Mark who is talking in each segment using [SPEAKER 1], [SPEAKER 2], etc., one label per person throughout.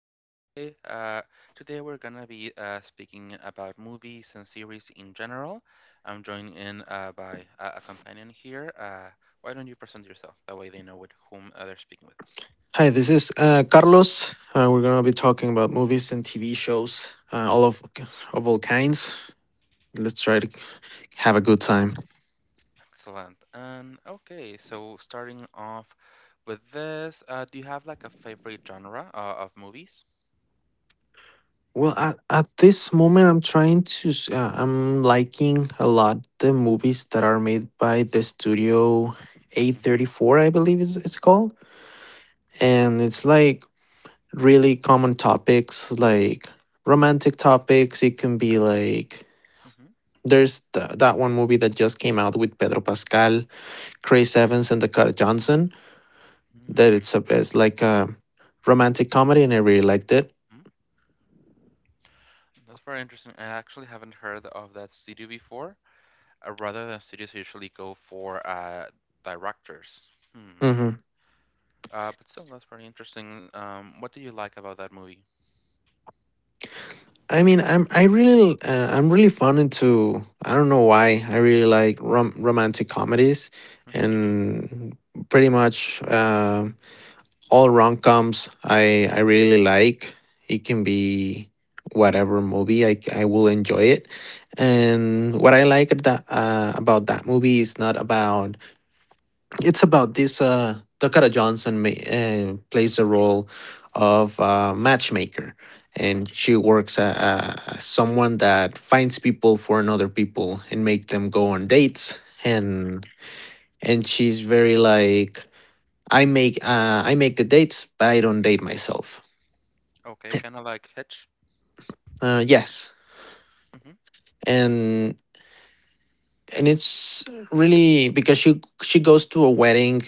[SPEAKER 1] us today. Today we're gonna be speaking about movies and series in general. I'm joined in by a companion here. Why don't you present yourself? That way they know with whom they're speaking with.
[SPEAKER 2] Hi, this is Carlos. We're gonna be talking about movies and TV shows, all of all kinds. Let's try to have a good time.
[SPEAKER 1] Excellent. And okay, so starting off with this, do you have like a favorite genre of movies?
[SPEAKER 2] Well, at this moment, I'm trying to. S- I'm liking a lot the movies that are made by the studio
[SPEAKER 1] Mm-hmm.
[SPEAKER 2] A34, I believe is it's called, and it's like really common topics, like romantic topics. It can be like
[SPEAKER 1] Mm-hmm.
[SPEAKER 2] that one movie that just came out with Pedro Pascal, Chris Evans, and Dakota Johnson.
[SPEAKER 1] Mm-hmm.
[SPEAKER 2] That it's a it's like a romantic comedy, and I really liked it.
[SPEAKER 1] That's very interesting. I actually haven't heard of that studio before. Rather than studios usually go for directors. Hmm.
[SPEAKER 2] hmm
[SPEAKER 1] But still, that's pretty interesting. What do you like about that movie?
[SPEAKER 2] I mean, I really I'm really fond into, I don't know why, I really like romantic comedies,
[SPEAKER 1] Mm-hmm.
[SPEAKER 2] and pretty much all rom coms I really like. It can be whatever movie I will enjoy it, and what I like at that, about that movie is not about. It's about this Dakota Johnson plays the role of a matchmaker,
[SPEAKER 1] Mm-hmm.
[SPEAKER 2] and she works someone that finds people for another people and make them go on dates
[SPEAKER 1] Mm-hmm.
[SPEAKER 2] and she's very like, I make the dates, but I don't date myself.
[SPEAKER 1] Okay, kind of like Hitch.
[SPEAKER 2] Yes,
[SPEAKER 1] Mm-hmm.
[SPEAKER 2] and and it's really because she goes to a wedding,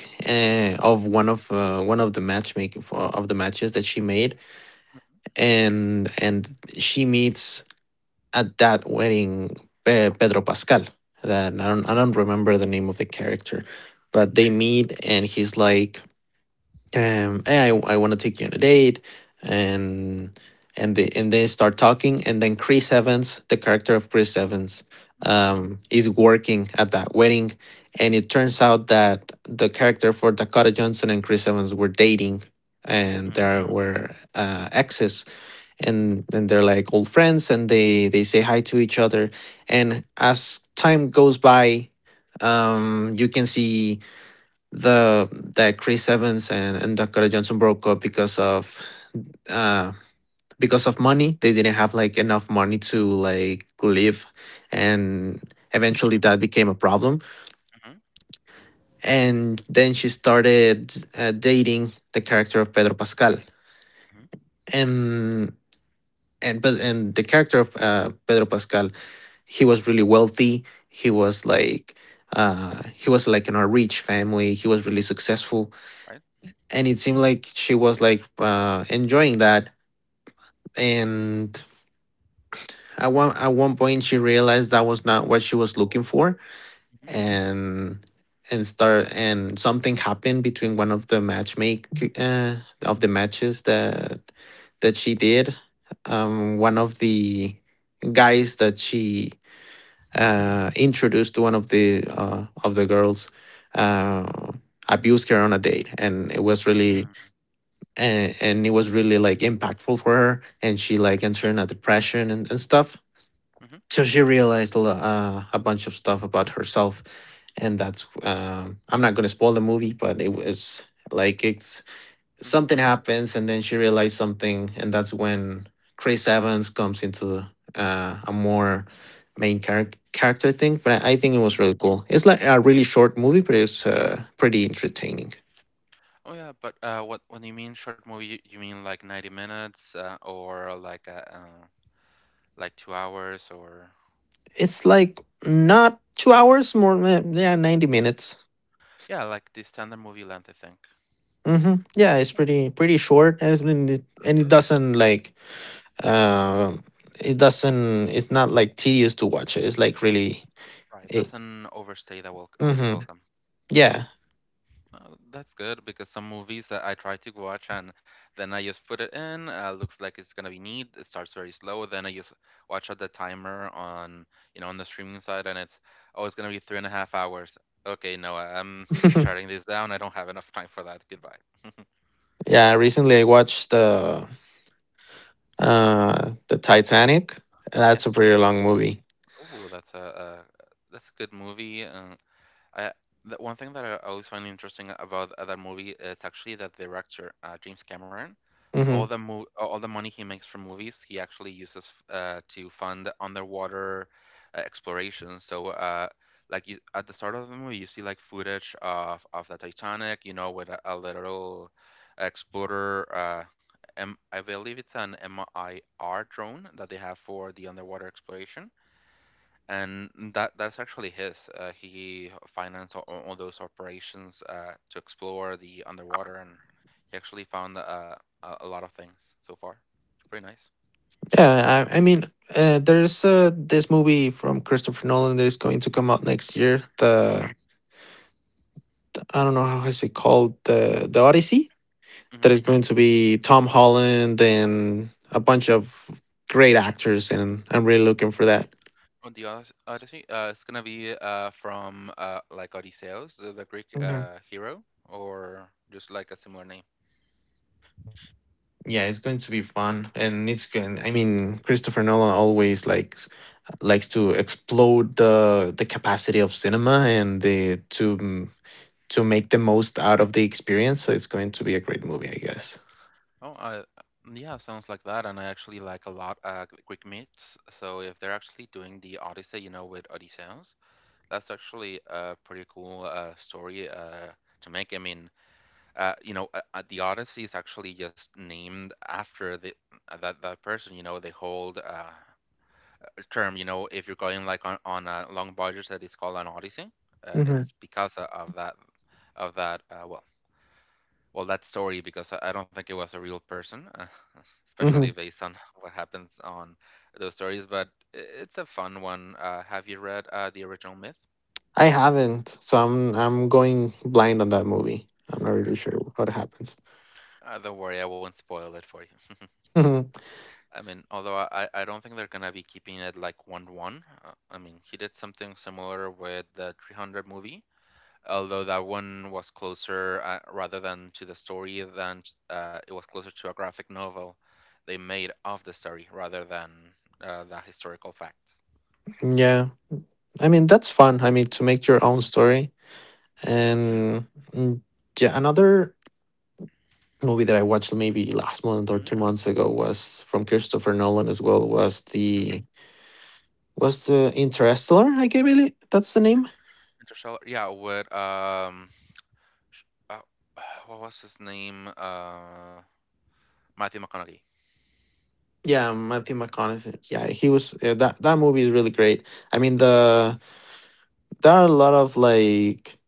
[SPEAKER 1] Mm-hmm.
[SPEAKER 2] of one of one of the matchmaking, of the matches that she made, and she meets at that wedding Pedro Pascal. That I
[SPEAKER 1] Mm-hmm.
[SPEAKER 2] don't I don't remember the name of the character,
[SPEAKER 1] Right.
[SPEAKER 2] but they meet and he's like, "Hey, I want to take you on a date," and they start talking, and then Chris Evans, the character of Chris Evans,
[SPEAKER 1] Mm-hmm.
[SPEAKER 2] is working at that wedding, and it turns out that the character for Dakota Johnson and Chris Evans were dating, and
[SPEAKER 1] Mm-hmm.
[SPEAKER 2] there were exes,
[SPEAKER 1] Mm-hmm.
[SPEAKER 2] and they're like old friends and they say hi to each other. And as time goes by, you can see the that Chris Evans and, Dakota Johnson broke up uh because of money. They didn't have like enough money to like live, and
[SPEAKER 1] Mm-hmm.
[SPEAKER 2] eventually that became a problem. And then she started dating the character of Pedro Pascal.
[SPEAKER 1] Mm-hmm.
[SPEAKER 2] And and the character of Pedro Pascal, he was really wealthy. He was like in a rich family. He was really successful,
[SPEAKER 1] Right.
[SPEAKER 2] and it seemed like she was like enjoying that, and at one point she realized that was not what she was looking for.
[SPEAKER 1] Mm-hmm.
[SPEAKER 2] and and start and something happened between one of the matchmake, uh, of the matches that she did, one of the guys that she introduced to one of the girls, uh abused her on a date, and it was really,
[SPEAKER 1] Mm-hmm.
[SPEAKER 2] and it was really like impactful for her, and she like entered in a depression and, stuff.
[SPEAKER 1] Mm-hmm.
[SPEAKER 2] So she realized a bunch of stuff about herself, and that's, I'm not going to spoil the movie, but it was like it's something happens and then she realized something, and that's when Chris Evans comes into a more main character thing. But I think it was really
[SPEAKER 1] Mm-hmm.
[SPEAKER 2] cool. It's like a really short movie, but it's pretty entertaining.
[SPEAKER 1] Oh yeah, but what when you mean short movie, you mean like 90 minutes or like 2 hours or
[SPEAKER 2] It's like not 2 hours more. Yeah, 90 minutes.
[SPEAKER 1] yeah, like the standard movie length, I think.
[SPEAKER 2] Yeah, it's pretty short, and it's been, and it doesn't like uh, it doesn't. It's not like tedious to watch it. It's like really.
[SPEAKER 1] Right,
[SPEAKER 2] It,
[SPEAKER 1] doesn't overstay that wel its
[SPEAKER 2] hmm
[SPEAKER 1] welcome.
[SPEAKER 2] Yeah.
[SPEAKER 1] That's good because some movies that I try to watch and then I just put it in, looks like it's gonna be neat. It starts very slow, then I just watch at the timer on, you know, on the streaming side, and it's oh, it's gonna be three and a half hours. Okay, no, I'm shutting this down. I don't have enough time for that. Goodbye.
[SPEAKER 2] Yeah, recently, I watched the Titanic. That's a pretty
[SPEAKER 1] Yes.
[SPEAKER 2] long movie.
[SPEAKER 1] Oh, that's a that's a good movie. I the one thing that I always find interesting about that movie is actually that director, James Cameron. all the
[SPEAKER 2] hmm
[SPEAKER 1] mo- all the money he makes from movies, he actually uses to fund underwater exploration. So, like you, at the start of the movie, you see like footage of the Titanic, you know, with a little explorer. I believe it's an MIR drone that they have for the underwater exploration and that's actually his. He financed all those operations to explore the underwater, and he actually found a lot of things so far. It's pretty nice.
[SPEAKER 2] Yeah, I mean, there's this movie from Christopher Nolan that is going to come out next year.
[SPEAKER 1] Mm-hmm.
[SPEAKER 2] The I don't know how is it called, the Odyssey, that is
[SPEAKER 1] Mm-hmm.
[SPEAKER 2] going to be Tom Holland and a bunch of great actors, and I'm really looking for that.
[SPEAKER 1] On the Odyssey, it's gonna be from like Odysseus, the Greek
[SPEAKER 2] Mhm.
[SPEAKER 1] hero, or just like a similar name.
[SPEAKER 2] Yeah, it's going to be fun, and it's going. I mean, Christopher Nolan always likes to explode the capacity of cinema and the to make the most out of the experience. So it's going to be a great movie, I guess.
[SPEAKER 1] Oh, yeah, sounds like that. And I actually like a lot Greek myths. So if they're actually doing the Odyssey, you know, with Odysseus. That's actually a pretty cool story to make. I mean, the Odyssey is actually just named after the that person. You know, they hold a term. You know, if you're going like on a long voyage, that is called an Odyssey. Uh,
[SPEAKER 2] Mhm,
[SPEAKER 1] it's because of that well that story because I don't think it was a real person, especially
[SPEAKER 2] mhm.
[SPEAKER 1] based on what happens on those stories. But it's a fun one. Have you read the original myth?
[SPEAKER 2] I haven't, so I'm going blind on that movie. I'm not really sure what happens.
[SPEAKER 1] Don't worry, I won't spoil it for you.
[SPEAKER 2] Mhm.
[SPEAKER 1] I mean, although I don't think they're gonna be keeping it like one to one. I mean, he did something similar with the 300 movie, although that one was closer rather than to the story than it was closer to a graphic novel they made of the story rather than the historical fact.
[SPEAKER 2] Yeah, I mean that's fun. I mean, to make your own
[SPEAKER 1] Mm,
[SPEAKER 2] story,
[SPEAKER 1] yeah.
[SPEAKER 2] and mm, yeah, another movie that I watched maybe last month or
[SPEAKER 1] Mm-hmm.
[SPEAKER 2] 2 months ago was from Christopher Nolan as well,
[SPEAKER 1] Mm-hmm.
[SPEAKER 2] was the Interstellar? I gave it. That's the name.
[SPEAKER 1] Interstellar. Yeah. With sh- uh, what was his name? Matthew McConaughey.
[SPEAKER 2] Yeah, Matthew McConaughey. Yeah, he was. Yeah, that movie is really great. I mean, there are a lot of like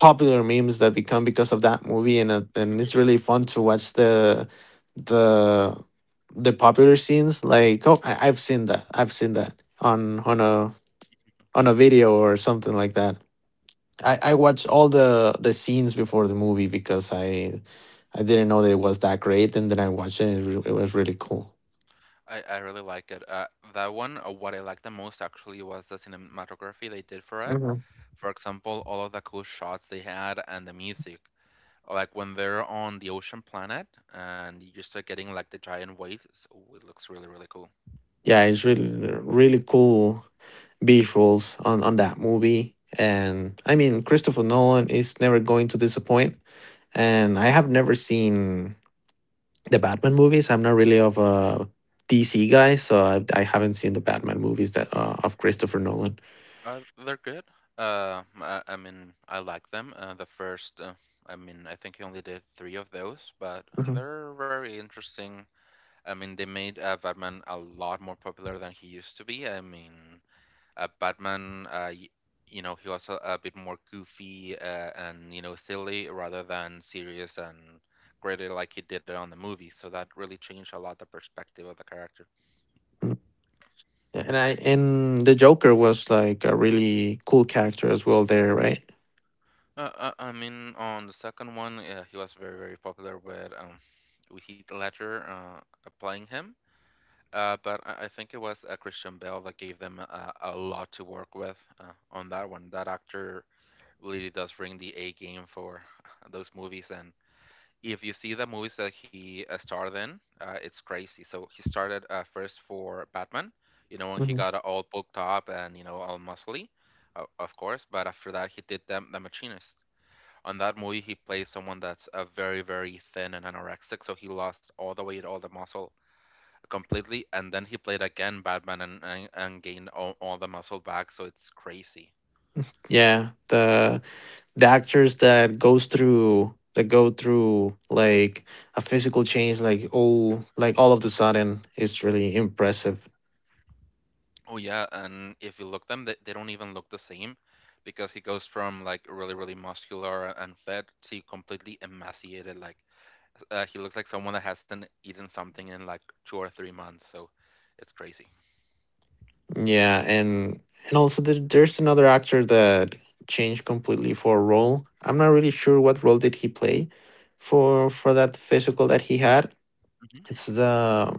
[SPEAKER 2] popular memes that become because of that movie,
[SPEAKER 1] Mm-hmm.
[SPEAKER 2] and it's really fun to watch the the popular scenes. Like, oh, I've seen that. I've seen that on on a video or something like that. I watched all the scenes before the movie, because I didn't know that it was that great, and then I watched it. And it, it was really cool.
[SPEAKER 1] I really like it. That one, what I liked the most actually was the cinematography they did for it.
[SPEAKER 2] Mhm.
[SPEAKER 1] For example, all of the cool shots they had and the music. Like when they're on the ocean planet and you start getting like the giant waves, ooh, it looks really, really cool.
[SPEAKER 2] Yeah, it's really cool visuals on that movie, and I mean Christopher Nolan is never going to disappoint. And I have never seen the Batman movies. I'm not really of a DC guy, so I haven't seen the Batman movies that of Christopher Nolan.
[SPEAKER 1] They're good. I mean, I like them. The first, I mean, I think I only did three of those, but
[SPEAKER 2] Mhm.
[SPEAKER 1] they're very interesting. I mean, they made Batman a lot more popular than he used to be. I mean, Batman, you know, he was a bit more goofy and you know silly rather than serious and gritty like he did it on the movie. So that really changed a lot the perspective of the character.
[SPEAKER 2] Yeah, and I and the Joker was like a really cool character as well there, right?
[SPEAKER 1] I mean, on the second one, he was very very popular with Heath Ledger playing him. But I think it was Christian Bale that gave them a lot to work with on that one. That actor really does bring the A game for those movies, and if you see the movies that he starred in, it's crazy. So he started first for Batman, you know, when he
[SPEAKER 2] hmm
[SPEAKER 1] got all bulked up and you know all muscly, of course. But after that, he did the Machinist. On that movie, he plays someone that's very, very thin and anorexic, so he lost all the weight, all the muscle completely, and then he played again Batman and gained all the muscle back. So it's crazy.
[SPEAKER 2] Yeah, the actors that goes through, that go through like a physical change, like all, like all of the sudden, is really impressive.
[SPEAKER 1] Oh yeah, and if you look them, they don't even look the same because he goes from like really, really muscular and fed to completely emaciated. Like he looks like someone that hasn't eaten something in like 2 or 3 months. So it's crazy.
[SPEAKER 2] Yeah, and also there, there's another actor that changed completely for a role. I'm not
[SPEAKER 1] Hmm.
[SPEAKER 2] really sure what role did he play for that physical that he had.
[SPEAKER 1] Hmm.
[SPEAKER 2] It's the,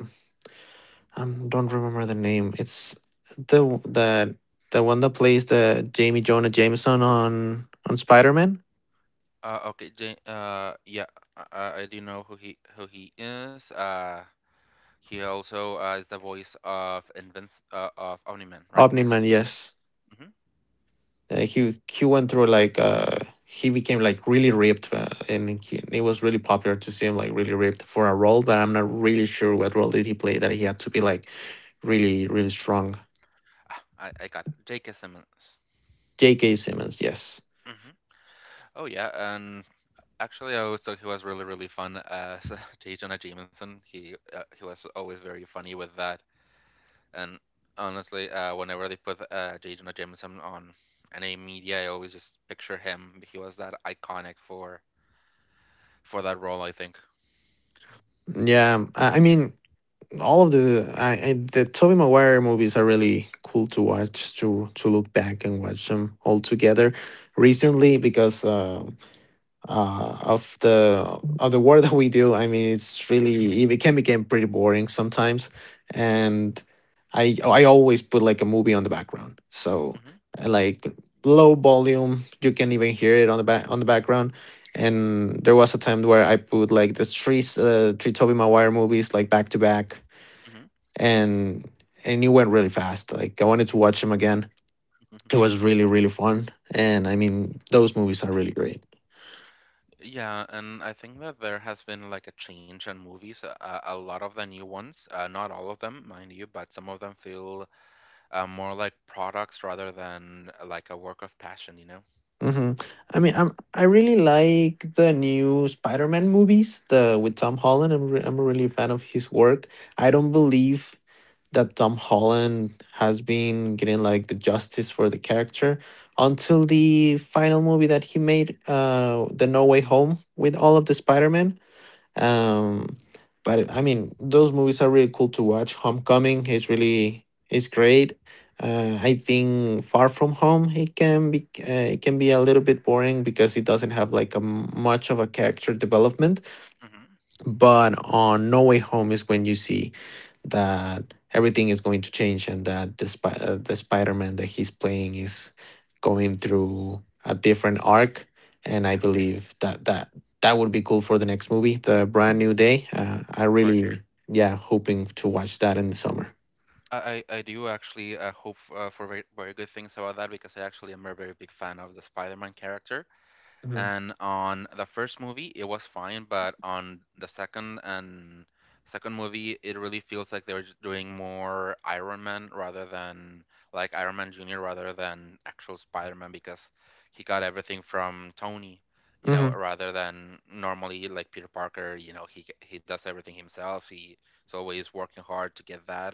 [SPEAKER 2] I don't remember the name. It's the w- the the one that plays the Jamie Jonah Jameson on Spider Man.
[SPEAKER 1] Okay, Jane, yeah, I do know who he is. He also is the voice of Invince of Omni-Man, right?
[SPEAKER 2] Omni Man, yes.
[SPEAKER 1] Hmm.
[SPEAKER 2] He went through like he became like really ripped, and he, it was really popular to see him like really ripped for a role, but I'm not really sure what role did he play that he had to be like really really strong.
[SPEAKER 1] Ah, I got it. J.K. Simmons.
[SPEAKER 2] JK Simmons, yes.
[SPEAKER 1] Hmm. Oh yeah, and actually, I always thought he was really, really fun as J. Jonah Jameson. He was always very funny with that. And honestly, whenever they put J. Jonah Jameson on any media, I always just picture him. He was that iconic for that role, I think.
[SPEAKER 2] Yeah, I mean, all of the, I the Tobey Maguire movies are really cool to watch, to look back and watch them all together
[SPEAKER 1] Hmm.
[SPEAKER 2] recently, because of the work that we do. I mean, it's
[SPEAKER 1] Hmm.
[SPEAKER 2] really it can become pretty boring sometimes, and I always put like a movie on the background, so
[SPEAKER 1] Hmm.
[SPEAKER 2] like low volume, you can even hear it on the back, on the background. And there was a time where I put like the three 3 Tobey Maguire movies like back to back,
[SPEAKER 1] Hmm.
[SPEAKER 2] and it went really fast. Like I wanted to watch them again. It
[SPEAKER 1] Hmm.
[SPEAKER 2] was really really fun, and I mean those movies are really great.
[SPEAKER 1] Yeah, and I think that there has been like a change in movies. A lot of the new ones, not all of them, mind you, but some of them feel more like products rather than like a work of passion, you know?
[SPEAKER 2] Mhm. I mean, I really like the new Spider-Man movies, the with Tom Holland. I'm a really fan of his work. I don't believe that Tom Holland has been getting like the justice for the character until the final movie that he made, the No Way Home with all of the Spider-Man. um but I mean, those movies are really cool to watch. Homecoming is really is great. I think Far From Home, it can be a little bit boring because it doesn't have like a much of a character development.
[SPEAKER 1] Hmm.
[SPEAKER 2] But on No Way Home is when you see that everything is going to change and that the, the Spider Man that he's playing is going through a different arc. And I
[SPEAKER 1] Yeah,
[SPEAKER 2] believe that that would be cool for the next movie, The Brand New Day. I
[SPEAKER 1] right.
[SPEAKER 2] really, yeah, hoping to watch that in the summer.
[SPEAKER 1] I do actually hope for very, very good things about that because I actually am a very big fan of the Spider-Man character. And on the first movie it was fine but on the second and second movie it really feels like they were just doing more Iron Man rather than like Iron Man Jr rather than actual Spider-Man because he got everything from Tony, you know,
[SPEAKER 2] hmm
[SPEAKER 1] rather than normally like Peter Parker, you know, he does everything himself. He is always working hard to get that,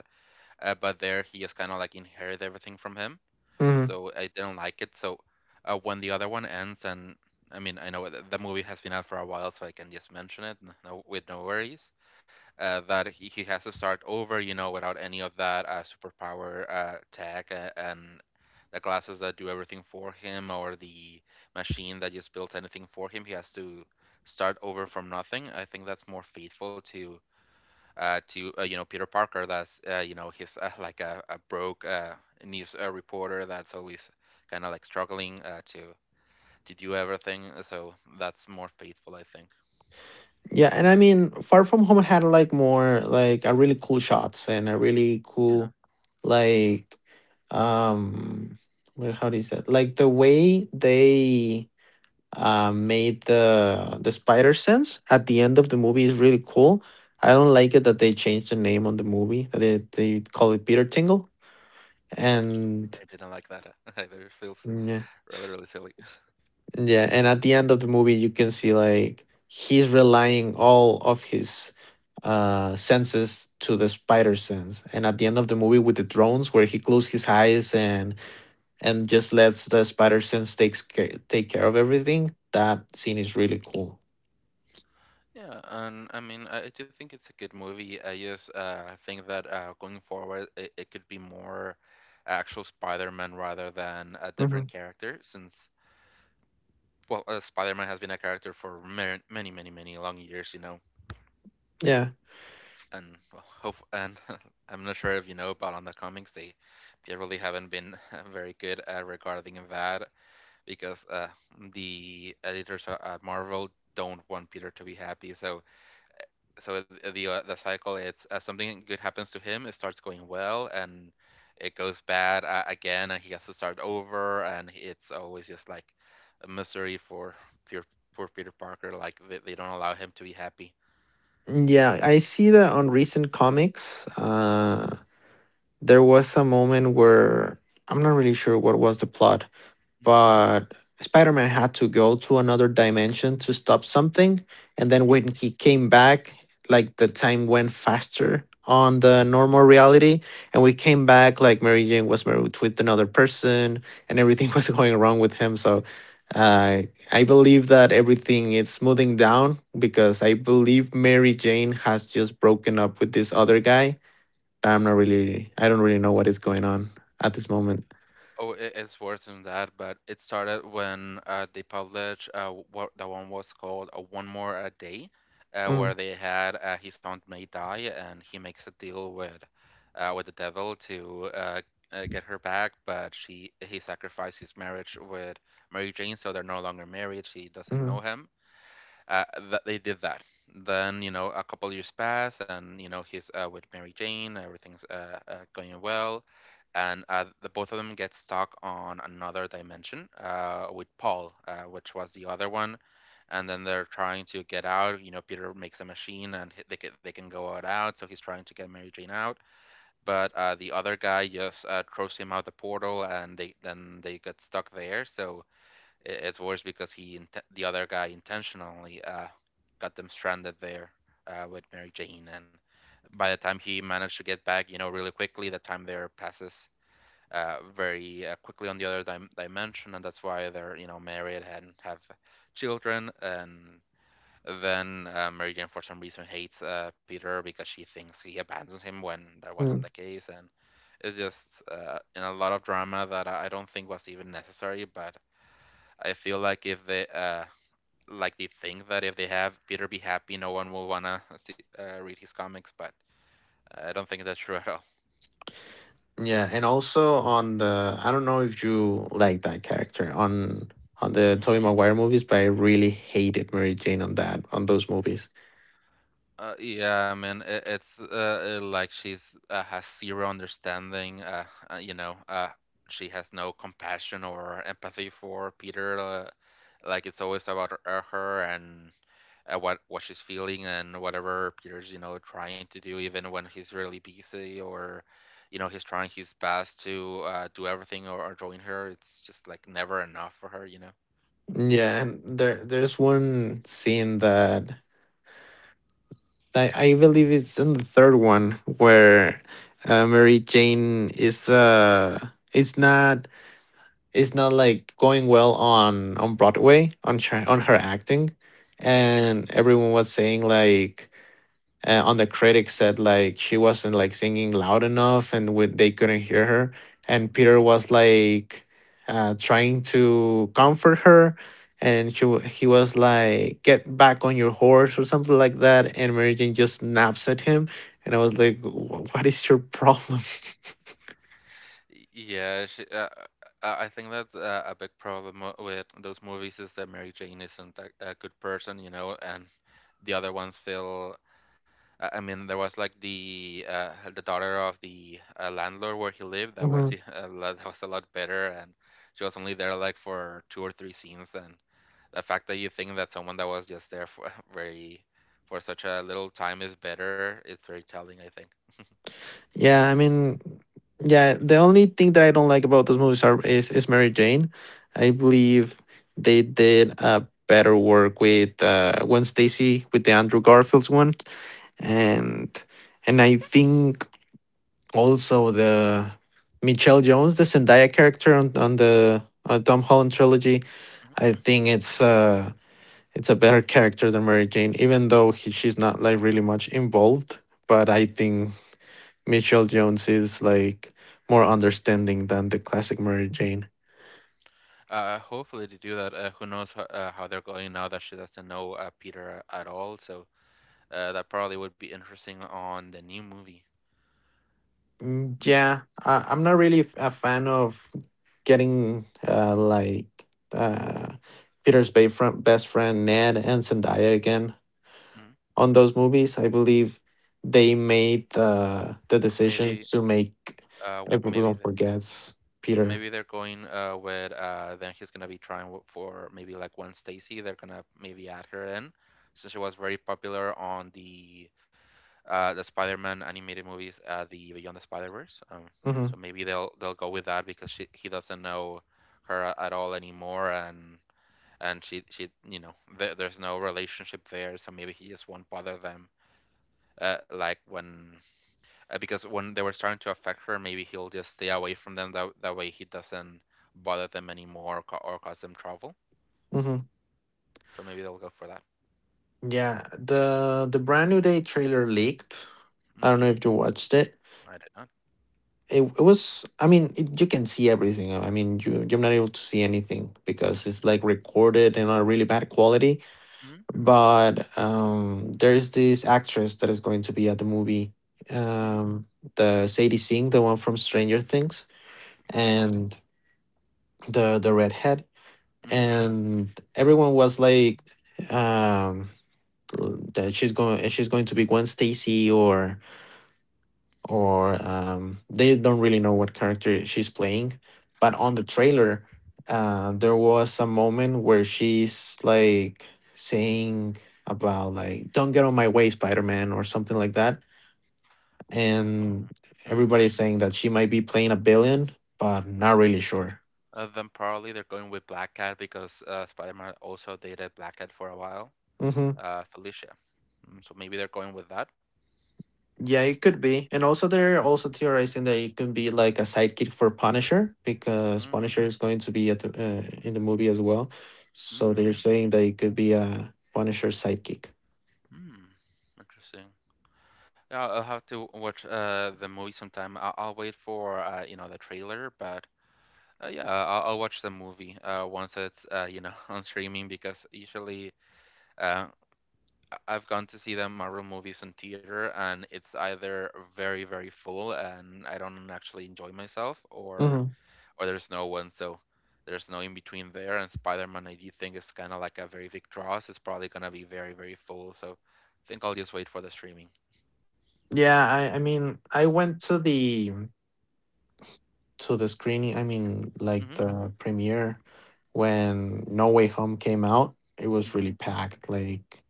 [SPEAKER 1] but there he just kind of like inherit everything from him,
[SPEAKER 2] hmm
[SPEAKER 1] so I didn't like it. So when the other one ends, and I mean, I know that the movie has been out for a while, so I can just mention it no, with no worries. That he has to start over, you know, without any of that superpower tech and the glasses that do everything for him or the machine that just builds anything for him. He has to start over from nothing. I think that's more faithful to you know Peter Parker. That's you know he's like a broke news reporter that's always kind of like struggling to do everything. So that's more faithful, I think.
[SPEAKER 2] Yeah, and I mean, Far From Home had like more like a really cool shots and a really
[SPEAKER 1] Yeah.
[SPEAKER 2] cool like, um where how do you say it? Like the way they made the spider sense at the end of the movie is really cool. I don't
[SPEAKER 1] Mhm.
[SPEAKER 2] like it that they changed the name on the movie, that they call it Peter Tingle and
[SPEAKER 1] I didn't like that either. It feels
[SPEAKER 2] mm, yeah.
[SPEAKER 1] really really silly.
[SPEAKER 2] Yeah, and at the end of the movie, you can see like he's relying all of his senses to the spider sense. And at the end of the movie with the drones, where he closes his eyes and just lets the spider sense take care of everything. That scene is really cool.
[SPEAKER 1] Yeah, and I mean I do think it's a good movie. I just think that going forward it could be more actual Spider-Man rather than a
[SPEAKER 2] hmm
[SPEAKER 1] different character since. Well, Spider-Man has been a character for many, many, many, many long years, you know,
[SPEAKER 2] Yeah,
[SPEAKER 1] and well, hope and I'm not sure if you know about on the comics they really haven't been very good regarding that because the editors at Marvel don't want Peter to be happy. So the cycle it's something good happens to him, it starts going well and it goes bad again and he has to start over and it's always just like a misery for pure poor Peter Parker like they don't allow him to be happy.
[SPEAKER 2] yeah, I see that on recent comics. There was a moment where I'm not really sure what was the plot,
[SPEAKER 1] Hmm.
[SPEAKER 2] but Spider-Man had to go to another dimension to stop something, and then
[SPEAKER 1] Yeah.
[SPEAKER 2] when he came back, like the time went faster on the normal reality, and we came back like Mary Jane was married with another person, and everything was going wrong with him. So, uh, I believe that everything is smoothing down because I believe Mary Jane has just broken up with this other guy. I don't really know what is going on at this moment.
[SPEAKER 1] Oh, it's worse than that, but it started when they published what the one was called One More a Day,
[SPEAKER 2] Mm,
[SPEAKER 1] where they had his aunt May die, and he makes a deal with the devil to get her back, but she he sacrificed his marriage with Mary Jane, so they're no longer married. She doesn't
[SPEAKER 2] mm,
[SPEAKER 1] know him, uh, that they did that. Then you know a couple years pass, and you know he's with Mary Jane. Everything's going well, and the both of them get stuck on another dimension with Paul, which was the other one. And then they're trying to get out. You know, Peter makes a machine, and they can go out out. So he's trying to get Mary Jane out, but the other guy just throws him out the portal, and they then they get stuck there. So It's worse because the other guy intentionally got them stranded there with Mary Jane, and by the time he managed to get back, you know, really quickly, the time there passes very quickly on the other dimension, and that's why they're you know married and have children, and then Mary Jane for some reason hates Peter because she thinks he abandons him when that wasn't
[SPEAKER 2] mm.
[SPEAKER 1] the case, and it's just in a lot of drama that I don't think was even necessary, but. I feel like if they think that if they have Peter be happy, no one will wanna read his comics, but I don't think that's true at all.
[SPEAKER 2] Yeah, and also on the, I don't know if you like that character on the
[SPEAKER 1] Mm-hmm.
[SPEAKER 2] Tobey Maguire movies, but I really hated Mary Jane on that on those movies.
[SPEAKER 1] Yeah, I mean it's like she's has zero understanding. Uh, you know, uh, she has no compassion or empathy for Peter. Like it's always about her, her and what she's feeling and whatever Peter's you know trying to do, even when he's really busy or you know he's trying his best to do everything or join her. It's just like never enough for her, you know.
[SPEAKER 2] Yeah, and there's one scene that I believe it's in the third one where Mary Jane is it's not it's not like going well on Broadway, on
[SPEAKER 1] Hmm.
[SPEAKER 2] her acting,
[SPEAKER 1] Yeah.
[SPEAKER 2] and everyone was saying like on the critics said like she wasn't like singing loud enough and they couldn't hear her, and
[SPEAKER 1] Mhm.
[SPEAKER 2] Peter was like trying to comfort her, and he was like, get back on your horse or something like that, and Mary Jane just snaps at him, and I was like, What is your problem?"
[SPEAKER 1] Yeah, I think that's a big problem with those movies is that Mary Jane isn't a good person, you know, and the other ones feel I mean, there was like the daughter of the landlord where he lived. That was
[SPEAKER 2] Mhm.
[SPEAKER 1] a lot, that was a lot better, and she was only there like for two or three scenes. And the fact that you think that someone that was just there for very for such a little time is better, it's very telling, I think.
[SPEAKER 2] Yeah, I mean, yeah, the only thing that I don't like about those movies is Mary Jane. I believe they did a better work with Gwen Stacy with the Andrew Garfield's one, and I think also the Michelle Jones, the Zendaya character on the Tom Holland trilogy.
[SPEAKER 1] Mhm.
[SPEAKER 2] I think it's a better character than Mary Jane, even though she's not like really much involved. But I think Mitchell Jones is like more understanding than the classic Mary Jane.
[SPEAKER 1] Hopefully to do that. Who knows how they're going now that she doesn't know Peter at all. So that probably would be interesting on the new movie.
[SPEAKER 2] Mm.
[SPEAKER 1] Mhm,
[SPEAKER 2] Yeah, I'm not really a fan of getting uh, Peter's best friend Ned and Zendaya again
[SPEAKER 1] mhm.
[SPEAKER 2] on those movies. I believe they made the
[SPEAKER 1] Maybe
[SPEAKER 2] decisions to make
[SPEAKER 1] maybe
[SPEAKER 2] everyone
[SPEAKER 1] the
[SPEAKER 2] forgets Peter.
[SPEAKER 1] Maybe they're going with then he's gonna be trying for maybe like Gwen Stacy. They're gonna maybe add her in since she was very popular on the Spider-Man animated movies, the Beyond the Spider-Verse.
[SPEAKER 2] Hmm,
[SPEAKER 1] So maybe they'll go with that because she he doesn't know her at all anymore, and she you know there's no relationship there, so maybe he just won't bother them. Like when because when they were starting to affect her, maybe he'll just stay away from them. That way he doesn't bother them anymore or, or cause them trouble.
[SPEAKER 2] hmm.
[SPEAKER 1] So maybe they'll go for that.
[SPEAKER 2] Yeah, the brand new day trailer leaked.
[SPEAKER 1] Hmm.
[SPEAKER 2] I don't know if you watched it.
[SPEAKER 1] I did not.
[SPEAKER 2] It was. I mean, you can see everything. I mean, you you're not able to see anything because
[SPEAKER 1] Mm-hmm.
[SPEAKER 2] it's like recorded in a really bad quality.
[SPEAKER 1] Mm-hmm.
[SPEAKER 2] But there is this actress that is going to be at the movie.
[SPEAKER 1] Hmm.
[SPEAKER 2] Um, the Sadie Sink, the one from Stranger Things,
[SPEAKER 1] Okay.
[SPEAKER 2] and the redhead,
[SPEAKER 1] Mm-hmm.
[SPEAKER 2] and everyone was like um that she's going to be Gwen Stacy, or they don't really know what character she's playing, but
[SPEAKER 1] Mm-hmm.
[SPEAKER 2] on the trailer there was a moment where she's like saying, about like, don't get on my way, Spider-Man, or something like that,
[SPEAKER 1] Oh.
[SPEAKER 2] and
[SPEAKER 1] Hmm.
[SPEAKER 2] everybody's saying that she might be playing a villain, but not really
[SPEAKER 1] Mm.
[SPEAKER 2] sure.
[SPEAKER 1] Then probably they're going with Black Cat because Spider-Man also dated Black Cat for a while.
[SPEAKER 2] Hmm.
[SPEAKER 1] Felicia. Mm, so maybe they're going with that.
[SPEAKER 2] Yeah, it could be. And also they're also theorizing that it could be like a sidekick for Punisher, because
[SPEAKER 1] Mm.
[SPEAKER 2] Punisher is going to be in the movie as well. So they're
[SPEAKER 1] Mm.
[SPEAKER 2] saying that it could be a Punisher sidekick.
[SPEAKER 1] Mm. Interesting. Yeah, I'll have to watch the movie sometime. I'll wait for you know the trailer, but yeah, I'll watch the movie once it's you know on streaming because usually uh I've gone to see the Marvel movies in theater and it's either very very full and I don't actually enjoy myself
[SPEAKER 2] Hmm.
[SPEAKER 1] or there's no one so there's no in between there and Spider-Man I do think is kind of like a very big draw, so it's probably gonna be very very full. So I think I'll just wait for the streaming.
[SPEAKER 2] Yeah, I mean, I went to the screening, I mean, like
[SPEAKER 1] Mm-hmm.
[SPEAKER 2] the premiere, when No Way Home came out. It was really
[SPEAKER 1] Mm-hmm.
[SPEAKER 2] packed, like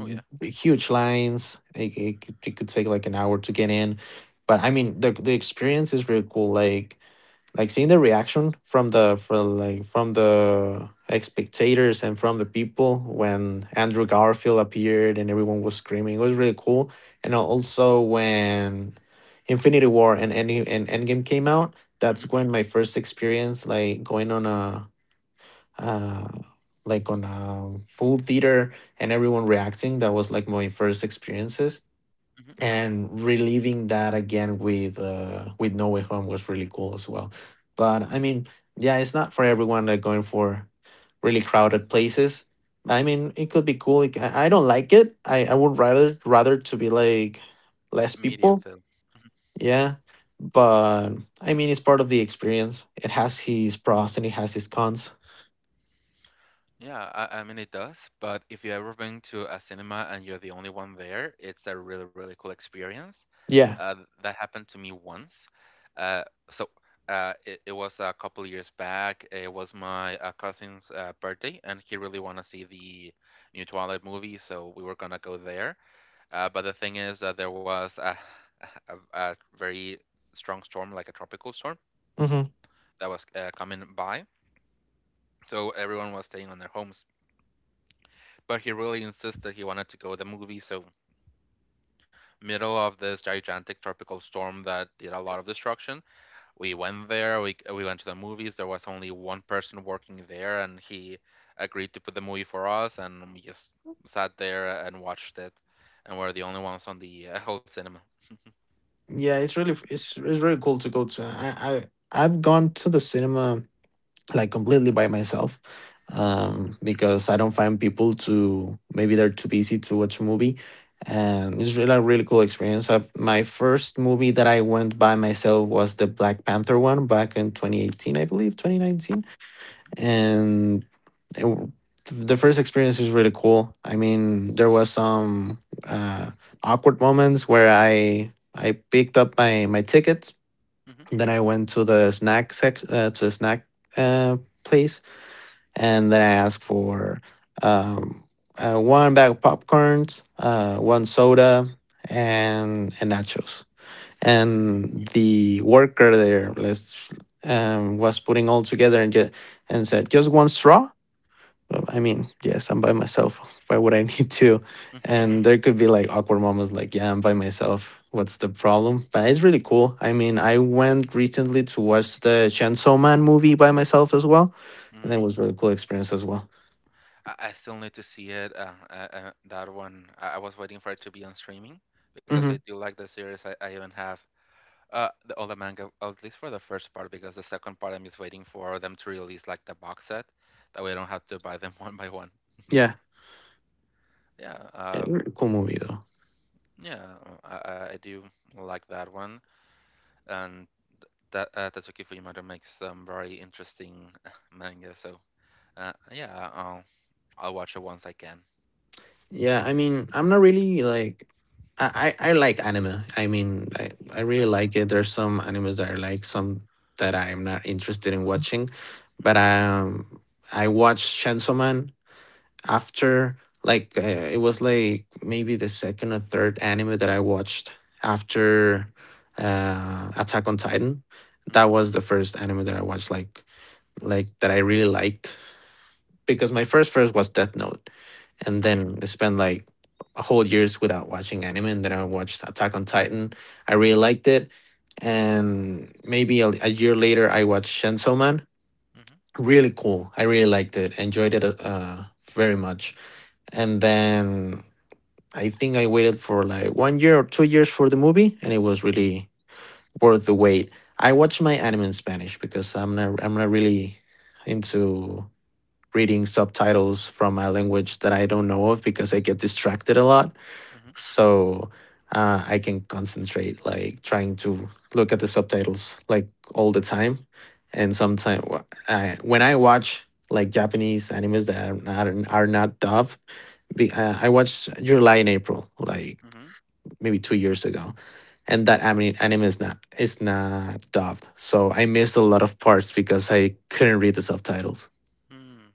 [SPEAKER 1] Oh yeah.
[SPEAKER 2] huge lines. It could take like an hour to get in. But I mean, the experience is really cool. Like seeing the reaction from the from like from the like, spectators and from the people when Andrew Garfield appeared and everyone was screaming. It was really cool. And also when Infinity War and Endgame came out,
[SPEAKER 1] Mm-hmm.
[SPEAKER 2] that's when my first experience like going on a uh, like on a full theater and everyone reacting. That was like my first experiences,
[SPEAKER 1] Mm-hmm.
[SPEAKER 2] and reliving that again with No Way Home was really cool as well. But I mean, yeah, it's not for everyone, that going for really crowded places. I mean, it could be cool. I don't like it. I would rather to be like less
[SPEAKER 1] Medium
[SPEAKER 2] people.
[SPEAKER 1] film. Mhm.
[SPEAKER 2] Yeah. But I mean, it's part of the experience. It has his pros and it has his cons.
[SPEAKER 1] Yeah, I mean it does, but if you ever been to a cinema and you're the only one there, it's a really, really cool experience.
[SPEAKER 2] Yeah.
[SPEAKER 1] That happened to me once. Uh, so it was a couple years back. It was my cousin's birthday, and he really wanted to see the new Twilight movie, so we were gonna go there. But the thing is, there was a, a very strong storm, like a tropical storm,
[SPEAKER 2] Hmm.
[SPEAKER 1] that was coming by, so everyone was staying on their homes. But he really insisted that he wanted to go to the movie. So, middle of this gigantic tropical storm that did a lot of destruction, we went there. We went to the movies. There was only one person working there, and he agreed to put the movie for us, and we just sat there and watched it. And we're the only ones on the whole cinema.
[SPEAKER 2] Yeah, it's really it's really cool to go to. I've gone to the cinema like completely by myself,
[SPEAKER 1] Hmm.
[SPEAKER 2] because I don't find people, to maybe they're too busy to watch a movie. And it's really a really cool experience. My first movie that I went by myself was the Black Panther one back in 2018, I believe, 2019. And it, w- the first experience was really cool. I mean, there was some awkward moments where I picked up my my ticket,
[SPEAKER 1] Hmm.
[SPEAKER 2] then I went to the snack uh, place, and then I ask for um, one bag of popcorns, one soda, and nachos.
[SPEAKER 1] Mm.
[SPEAKER 2] And the worker there, let's was putting all together and just and said, just one straw. I mean, yes, I'm by myself. Why would I need to? And there could be like awkward moments like, yeah, I'm by myself. What's the problem? But it's really cool. I mean, I went recently to watch the Chainsaw Man movie by myself as well. And
[SPEAKER 1] Hmm.
[SPEAKER 2] it was a really cool experience as well.
[SPEAKER 1] I still need to see it. That one, I was waiting for it to be on streaming because I
[SPEAKER 2] Hmm.
[SPEAKER 1] do like the series. I even have uh, the, all the manga, at least for the first part, because the second part I'm just waiting for them to release like the box set, that way I don't have to buy them one by one.
[SPEAKER 2] Yeah.
[SPEAKER 1] Yeah,
[SPEAKER 2] Yeah,
[SPEAKER 1] uh,
[SPEAKER 2] really cool movie though.
[SPEAKER 1] yeah, I do like that one, and that Tatsuki Fujimoto makes some very interesting manga. So, yeah, I'll watch it once I can.
[SPEAKER 2] Yeah, I mean, I'm not really like I like anime. I mean, I
[SPEAKER 1] I
[SPEAKER 2] really
[SPEAKER 1] do.
[SPEAKER 2] like it. There's some animes that I like, some that I am not interested in watching. But
[SPEAKER 1] Mm-hmm.
[SPEAKER 2] I watched Chainsaw Man after it was like maybe the second or third anime that I watched after Attack on Titan. That
[SPEAKER 1] Mm-hmm.
[SPEAKER 2] was the first anime that I watched like that I really liked, because my first was Death Note, and then I spent like a whole years without watching anime, and then I watched Attack on Titan. I really liked it, and maybe a year later I watched Chainsaw Man.
[SPEAKER 1] Mm-hmm.
[SPEAKER 2] Really cool. I really liked it. Enjoyed it very much. And then I think I waited for like 1 year or 2 years for the movie, and it was really worth the wait. I watch my anime in Spanish because I'm not really into reading subtitles from a language that I don't know of, because I get distracted a lot. So I can concentrate, like trying to look at the subtitles like all the time. And sometimes when I watch like Japanese animes that are not dubbed, I watched July and April, like
[SPEAKER 1] Mm-hmm.
[SPEAKER 2] maybe 2 years ago. And that anime is not dubbed, so I missed a lot of parts because I couldn't read the subtitles.
[SPEAKER 1] Mm-hmm.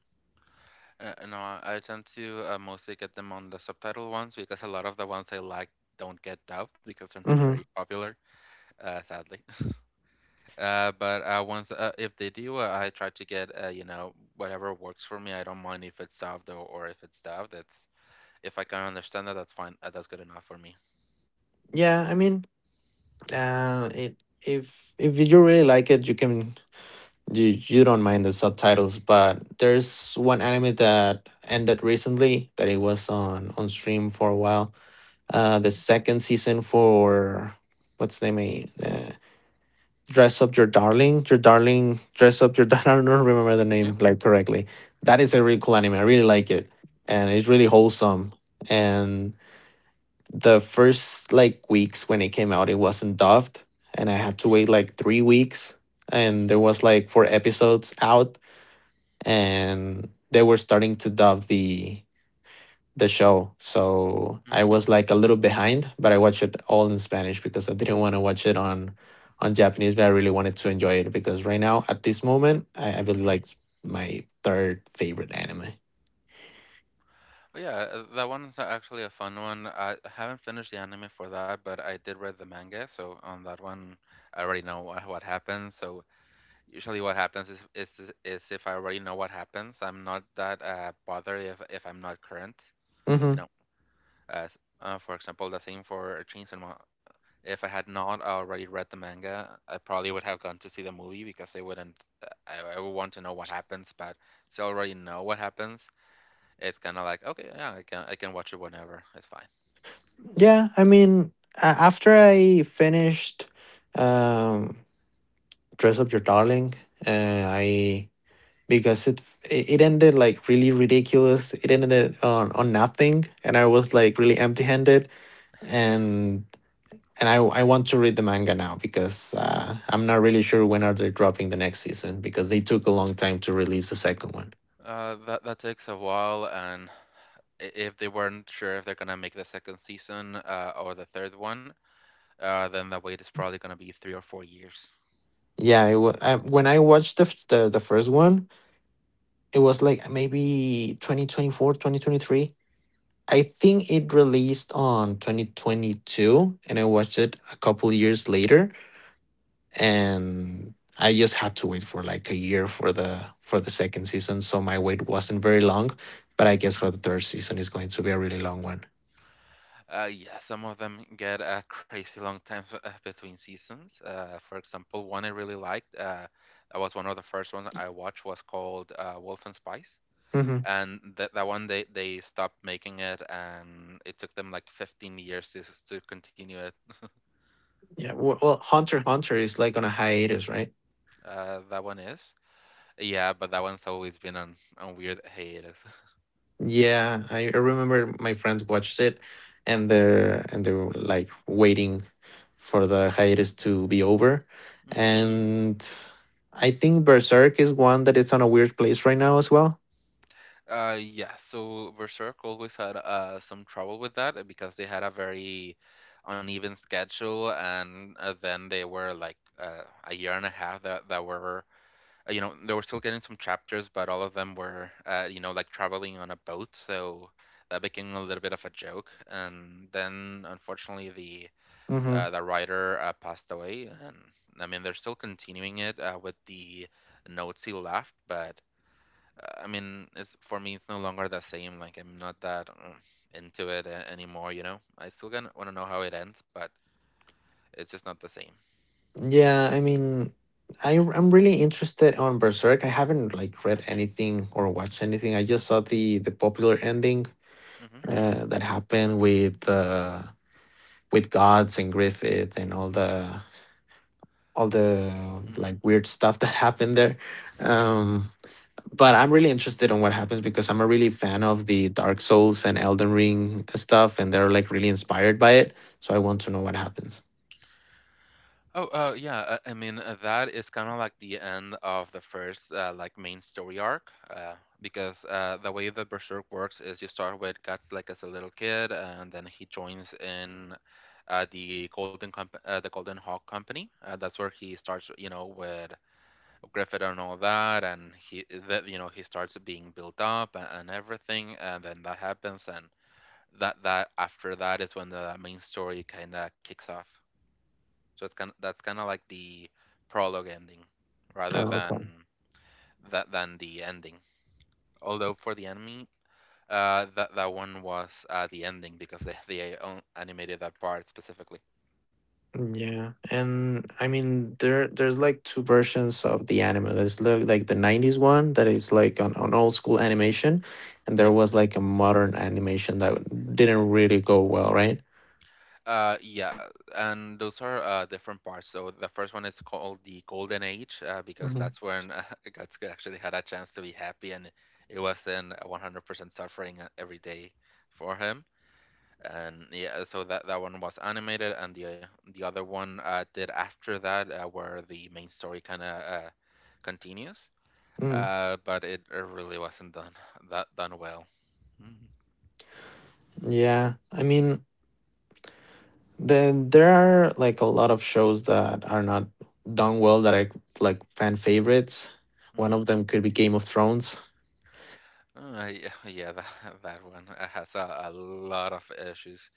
[SPEAKER 1] No, I tend to mostly get them on the subtitle ones because a lot of the ones I like don't get dubbed because they're not
[SPEAKER 2] Hmm.
[SPEAKER 1] very popular, sadly. But once If they do, I try to get you know whatever works for me. I don't mind if it's dubbed or if it's dubbed. That's if I can understand that, that's fine. That's good enough for me.
[SPEAKER 2] Yeah, I mean, it if you really like it, you can you don't mind the subtitles. But there's one anime that ended recently that it was on stream for a while. The
[SPEAKER 1] Mhm.
[SPEAKER 2] second season for what's the name? Dress up your darling, your darling. Dress up your. I don't remember the
[SPEAKER 1] Yeah.
[SPEAKER 2] name like correctly. That is
[SPEAKER 1] Mm-hmm.
[SPEAKER 2] a really cool anime. I really like it, and it's really wholesome. And the first like weeks when it came out, it wasn't dubbed, and I had to wait like 3 weeks, and there was like 4 episodes out, and they were starting to dub the show, so I was like a little behind, but I watched it all in Spanish because I didn't want to watch it on Japanese, but I really wanted to enjoy it because right now at this moment, I
[SPEAKER 1] Mm-hmm.
[SPEAKER 2] really like my third favorite anime.
[SPEAKER 1] Oh, yeah, that one's actually a fun one. I haven't finished the anime for that, but I did read the manga, so on that one, I already know what happens. So usually, what happens is if I already know what happens, I'm not that bothered if I'm not current.
[SPEAKER 2] Hmm.
[SPEAKER 1] You know, as for example, the same for Chainsaw Man. If I had not already read the manga, I probably would have gone to see the movie because I wouldn't. I would want to know what happens, but so I already know what happens. It's kind of like okay, yeah, I can watch it whenever. It's fine.
[SPEAKER 2] Yeah, I mean, after I finished um dress up your darling, uh, I because it ended like really ridiculous, it ended on nothing and I was like really empty handed, and and I want to read the manga now, because I'm not really sure when are they dropping the next season, because they took a long time to release the second one.
[SPEAKER 1] That that takes a while, and if they weren't sure if they're gonna make the second season or the third one, uh, then the wait is probably gonna be 3 or 4 years.
[SPEAKER 2] Yeah, when I watched the, f- the first one, it was like maybe 2024, 2023. I think it released on 2022 and I watched it a couple years later, and I just had to wait for like a year for the second season, so my wait wasn't very long, but I
[SPEAKER 1] Mm.
[SPEAKER 2] guess for the third season is going to be a really long one.
[SPEAKER 1] Yeah, some of them get a crazy long time between seasons. For example, one I really liked, that was one of the first ones I watched, was called Wolf and Spice.
[SPEAKER 2] Hmm.
[SPEAKER 1] And that one, they stopped making it, and it took them like 15 years to continue it.
[SPEAKER 2] Yeah, well, Hunter x Hunter is like on a hiatus, right?
[SPEAKER 1] That one is. Yeah, but that one's always been on weird hiatus.
[SPEAKER 2] Yeah, I remember my friends watched it and they were like waiting for the hiatus to be over.
[SPEAKER 1] Hmm.
[SPEAKER 2] And I think Berserk is one that it's on a weird place right now as well.
[SPEAKER 1] Yeah, so Berserk always had some trouble with that because they had a very uneven schedule, and then they were like a year and a half that were, you know, they were still getting some chapters, but all of them were, you know, like traveling on a boat, so that became a little bit of a joke. And then, unfortunately,
[SPEAKER 2] hmm
[SPEAKER 1] the writer passed away, and I mean, they're still continuing it with the notes he left, but I mean, it's for me, it's no longer the same. Like I'm not that into it anymore. You know, I still gonna want to know how it ends, but it's just not the same.
[SPEAKER 2] Yeah, I mean, I'm really interested on Berserk. I haven't like read anything or watched anything. I just saw the popular ending
[SPEAKER 1] Mm hmm.
[SPEAKER 2] that happened with gods and Griffith and all the
[SPEAKER 1] Mm hmm.
[SPEAKER 2] like weird stuff that happened there.
[SPEAKER 1] Yeah.
[SPEAKER 2] Um, but I'm really interested in what happens because I'm a really fan of the Dark Souls and Elden Ring stuff, and they're like really inspired by it. So I want to know what happens.
[SPEAKER 1] Oh, yeah. I mean, that is kind of like the end of the first like main story arc, because the way that Berserk works is you start with Guts like as a little kid, and then he joins in. The Golden the Golden Hawk Company. That's where he starts, you know, with Griffith and all that, and he that you know he starts being built up and everything, and then that happens, and that that after that is when the main story kind of kicks off. So it's kind that's kind of like the prologue ending, rather
[SPEAKER 2] Oh, okay.
[SPEAKER 1] than that than the ending. Although for the enemy, that that one was the ending because they animated that part specifically.
[SPEAKER 2] Yeah, and I mean there's like two versions of the anime. Like the 90s one that is like an old school animation, and there was like a modern animation that didn't really go well, right?
[SPEAKER 1] Yeah, and those are different parts. So the first one is called the Golden Age, because
[SPEAKER 2] hmm
[SPEAKER 1] that's when Guts actually had a chance to be happy, and it wasn't 100% suffering every day for him. And yeah, so that one was animated, and the other one did after that, where the main story kind of continues.
[SPEAKER 2] Mm,
[SPEAKER 1] But it really wasn't done that done well.
[SPEAKER 2] yeah, I mean then there are like a lot of shows that are not done well that are like fan favorites. One
[SPEAKER 1] Hmm
[SPEAKER 2] of them could be Game of Thrones.
[SPEAKER 1] Yeah, yeah, that that one has a lot of issues.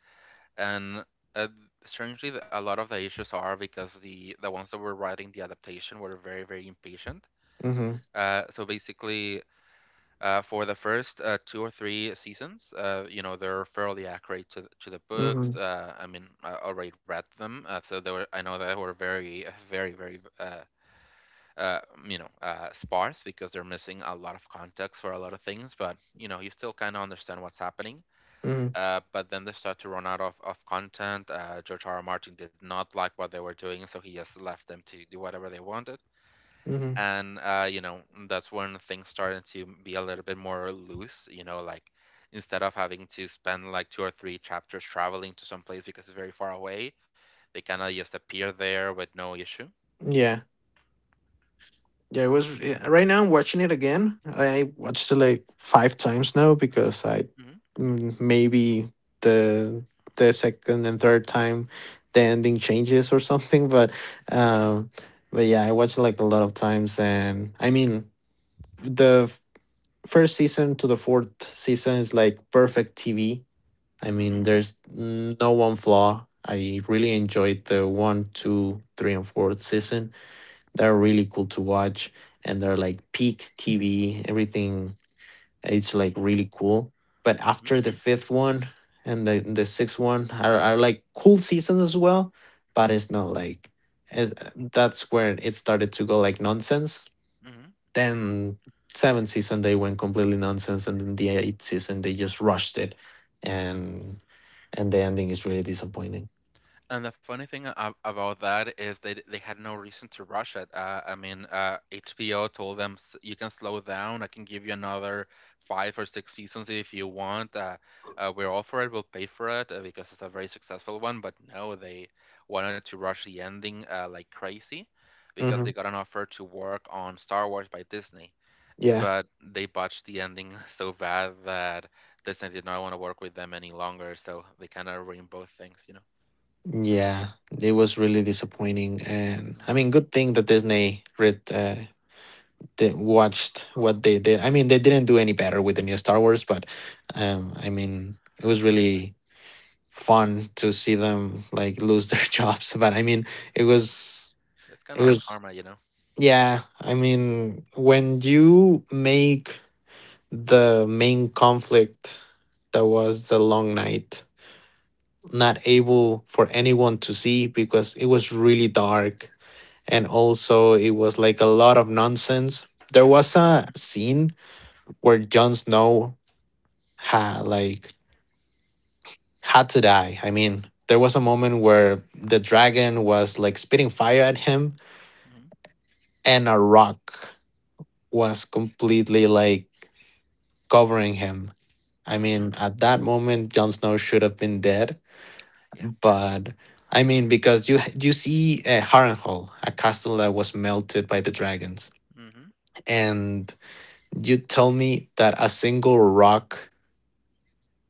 [SPEAKER 1] And uh, strangely, a lot of the issues are because the ones that were writing the adaptation were very, very impatient,
[SPEAKER 2] Mm-hmm.
[SPEAKER 1] so basically, for the first 2 or 3 seasons, you know, they're fairly accurate to, to the
[SPEAKER 2] Mm-hmm.
[SPEAKER 1] books. I mean, I already read them, so they were, I know they were very, very very uh, you know, sparse because they're missing a lot of context for a lot of things, but you know, you still kind of understand what's happening.
[SPEAKER 2] Mm-hmm.
[SPEAKER 1] But then they start to run out of content. George R. R. Martin did not like what they were doing, so he just left them to do whatever they wanted.
[SPEAKER 2] Mm-hmm.
[SPEAKER 1] And you know, that's when things started to be a little bit more loose. You know, like instead of having to spend like 2 or 3 chapters traveling to some place because it's very far away, they kind of just appear there with no issue.
[SPEAKER 2] Yeah. Yeah, it was Yeah, right now I'm watching it again. I watched it like five times now because I
[SPEAKER 1] Hmm
[SPEAKER 2] maybe the the second and third time the ending changes or something. Um, but yeah, I watched it like a lot of times, and I mean the f- first season to the fourth season is like perfect TV. I
[SPEAKER 1] hmm
[SPEAKER 2] mean, there's no one flaw. I really enjoyed the one, two, three, and fourth season. They're really cool to watch and they're like peak TV, everything. It's like really cool. But
[SPEAKER 1] hmm
[SPEAKER 2] after the fifth one and the sixth one are like cool seasons as well, but it's not like as that's where it started to go like nonsense.
[SPEAKER 1] hmm
[SPEAKER 2] Then seventh season they went completely nonsense and then the eighth season they just rushed it and and the ending is really disappointing.
[SPEAKER 1] And the funny thing about that is they had no reason to rush it. I mean, HBO told them, You can slow down. I can give you another 5 or 6 seasons if you want. We're all for it. We'll pay for it because it's a very successful one." But no, they wanted to rush the ending like crazy because
[SPEAKER 2] hmm
[SPEAKER 1] they got an offer to work on Star Wars by Disney,
[SPEAKER 2] Yeah.
[SPEAKER 1] but they botched the ending so bad that Disney did not want to work with them any longer. So they kind of ruined both things, you know.
[SPEAKER 2] Yeah, it was really disappointing, and I mean, good thing that they watched what they did. I mean, they didn't do any better with the new Star Wars, but I mean, it was really fun to see them like lose their jobs. But I mean, it was,
[SPEAKER 1] It's kind of
[SPEAKER 2] it
[SPEAKER 1] like
[SPEAKER 2] was,
[SPEAKER 1] karma, you know?
[SPEAKER 2] yeah. I mean, when you make the main conflict that was the Long Night not able for anyone to see because it was really dark and also it was like a lot of nonsense. There was
[SPEAKER 1] Hmm
[SPEAKER 2] a scene where Jon Snow had like had to die. I mean, there was a moment where the dragon was like spitting fire at him
[SPEAKER 1] hmm
[SPEAKER 2] and a rock was completely like covering him. I
[SPEAKER 1] Mm,
[SPEAKER 2] mean, at that moment Jon Snow should have been dead,
[SPEAKER 1] yeah.
[SPEAKER 2] but I mean, because you see Harrenhal, a castle that was melted by the dragons,
[SPEAKER 1] hmm
[SPEAKER 2] and you tell me that a single rock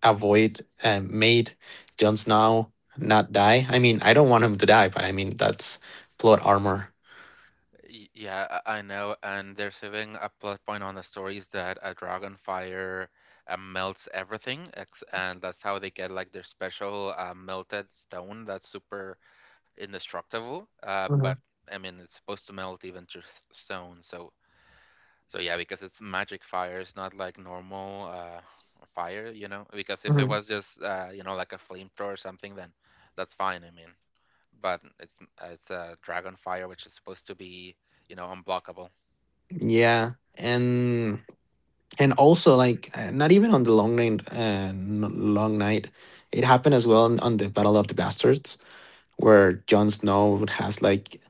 [SPEAKER 2] avoid and made Jon Snow not die? I mean, I don't want him to die, but I mean that's plot armor.
[SPEAKER 1] Yeah, I know. And they're saving a plot point on the stories that a dragon fire melts everything, ex and that's how they get like their special melted stone that's super indestructible. But
[SPEAKER 2] Mhm,
[SPEAKER 1] I mean, it's supposed to melt even just stone, so, so yeah, because it's magic fire, it's not like normal fire, you know. Because if it
[SPEAKER 2] mhm.
[SPEAKER 1] was just you know, like a flamethrower or something, then that's fine. I mean, but it's a dragon fire, which is supposed to be, you know, unblockable.
[SPEAKER 2] Yeah, and and also like not even on the long night, long night. It
[SPEAKER 1] Hmm
[SPEAKER 2] happened as well on the Battle of the Bastards, where Jon Snow has like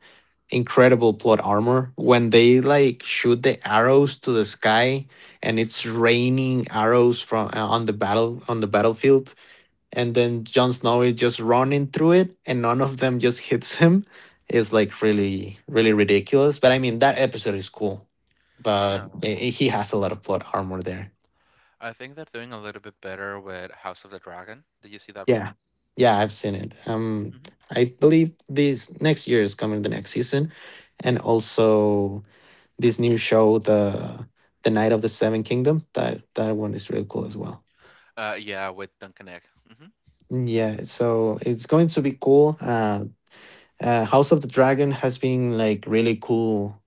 [SPEAKER 2] incredible plot armor when they like shoot the arrows to the sky and
[SPEAKER 1] hmm
[SPEAKER 2] it's raining arrows from on the battle on the battlefield and then Jon Snow is just running through it and none of them just hits him. Is like really really ridiculous but I mean that episode is cool but
[SPEAKER 1] Yeah,
[SPEAKER 2] he has a lot of plot armor there.
[SPEAKER 1] I think they're doing a little bit better with House of the Dragon. Did you see that one?
[SPEAKER 2] Yeah, yeah, I've seen it.
[SPEAKER 1] Hmm
[SPEAKER 2] I believe this next year is coming the next season, and also this new show, the Night of the Seven Kingdom. That that one is really cool as well.
[SPEAKER 1] Yeah, with Duncan Egg. Mm-hmm.
[SPEAKER 2] Yeah, so it's going to be cool. House of the Dragon has been like really cool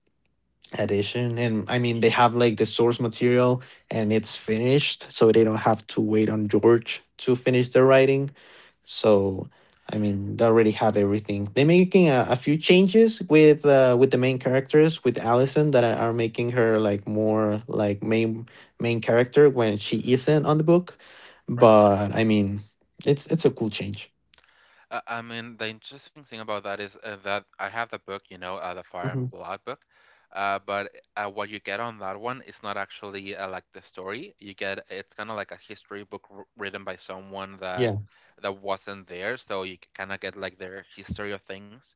[SPEAKER 2] edition and I mean they have like the source material and it's finished so they don't have to wait on george to finish the writing so I mean they already have everything. They're making a few changes with the main characters with allison that are making her like more like main character when she
[SPEAKER 1] Mm-hmm.
[SPEAKER 2] isn't on the book
[SPEAKER 1] Right.
[SPEAKER 2] but I mean it's a cool change.
[SPEAKER 1] I mean, the interesting thing about that is that I have the book, you know, the Fire
[SPEAKER 2] hmm
[SPEAKER 1] and Blood book. But what you get on that one is not actually like the story. You get, it's kind of like a history book wr written by someone that
[SPEAKER 2] yeah
[SPEAKER 1] that wasn't there, so you kind of get like their history of things.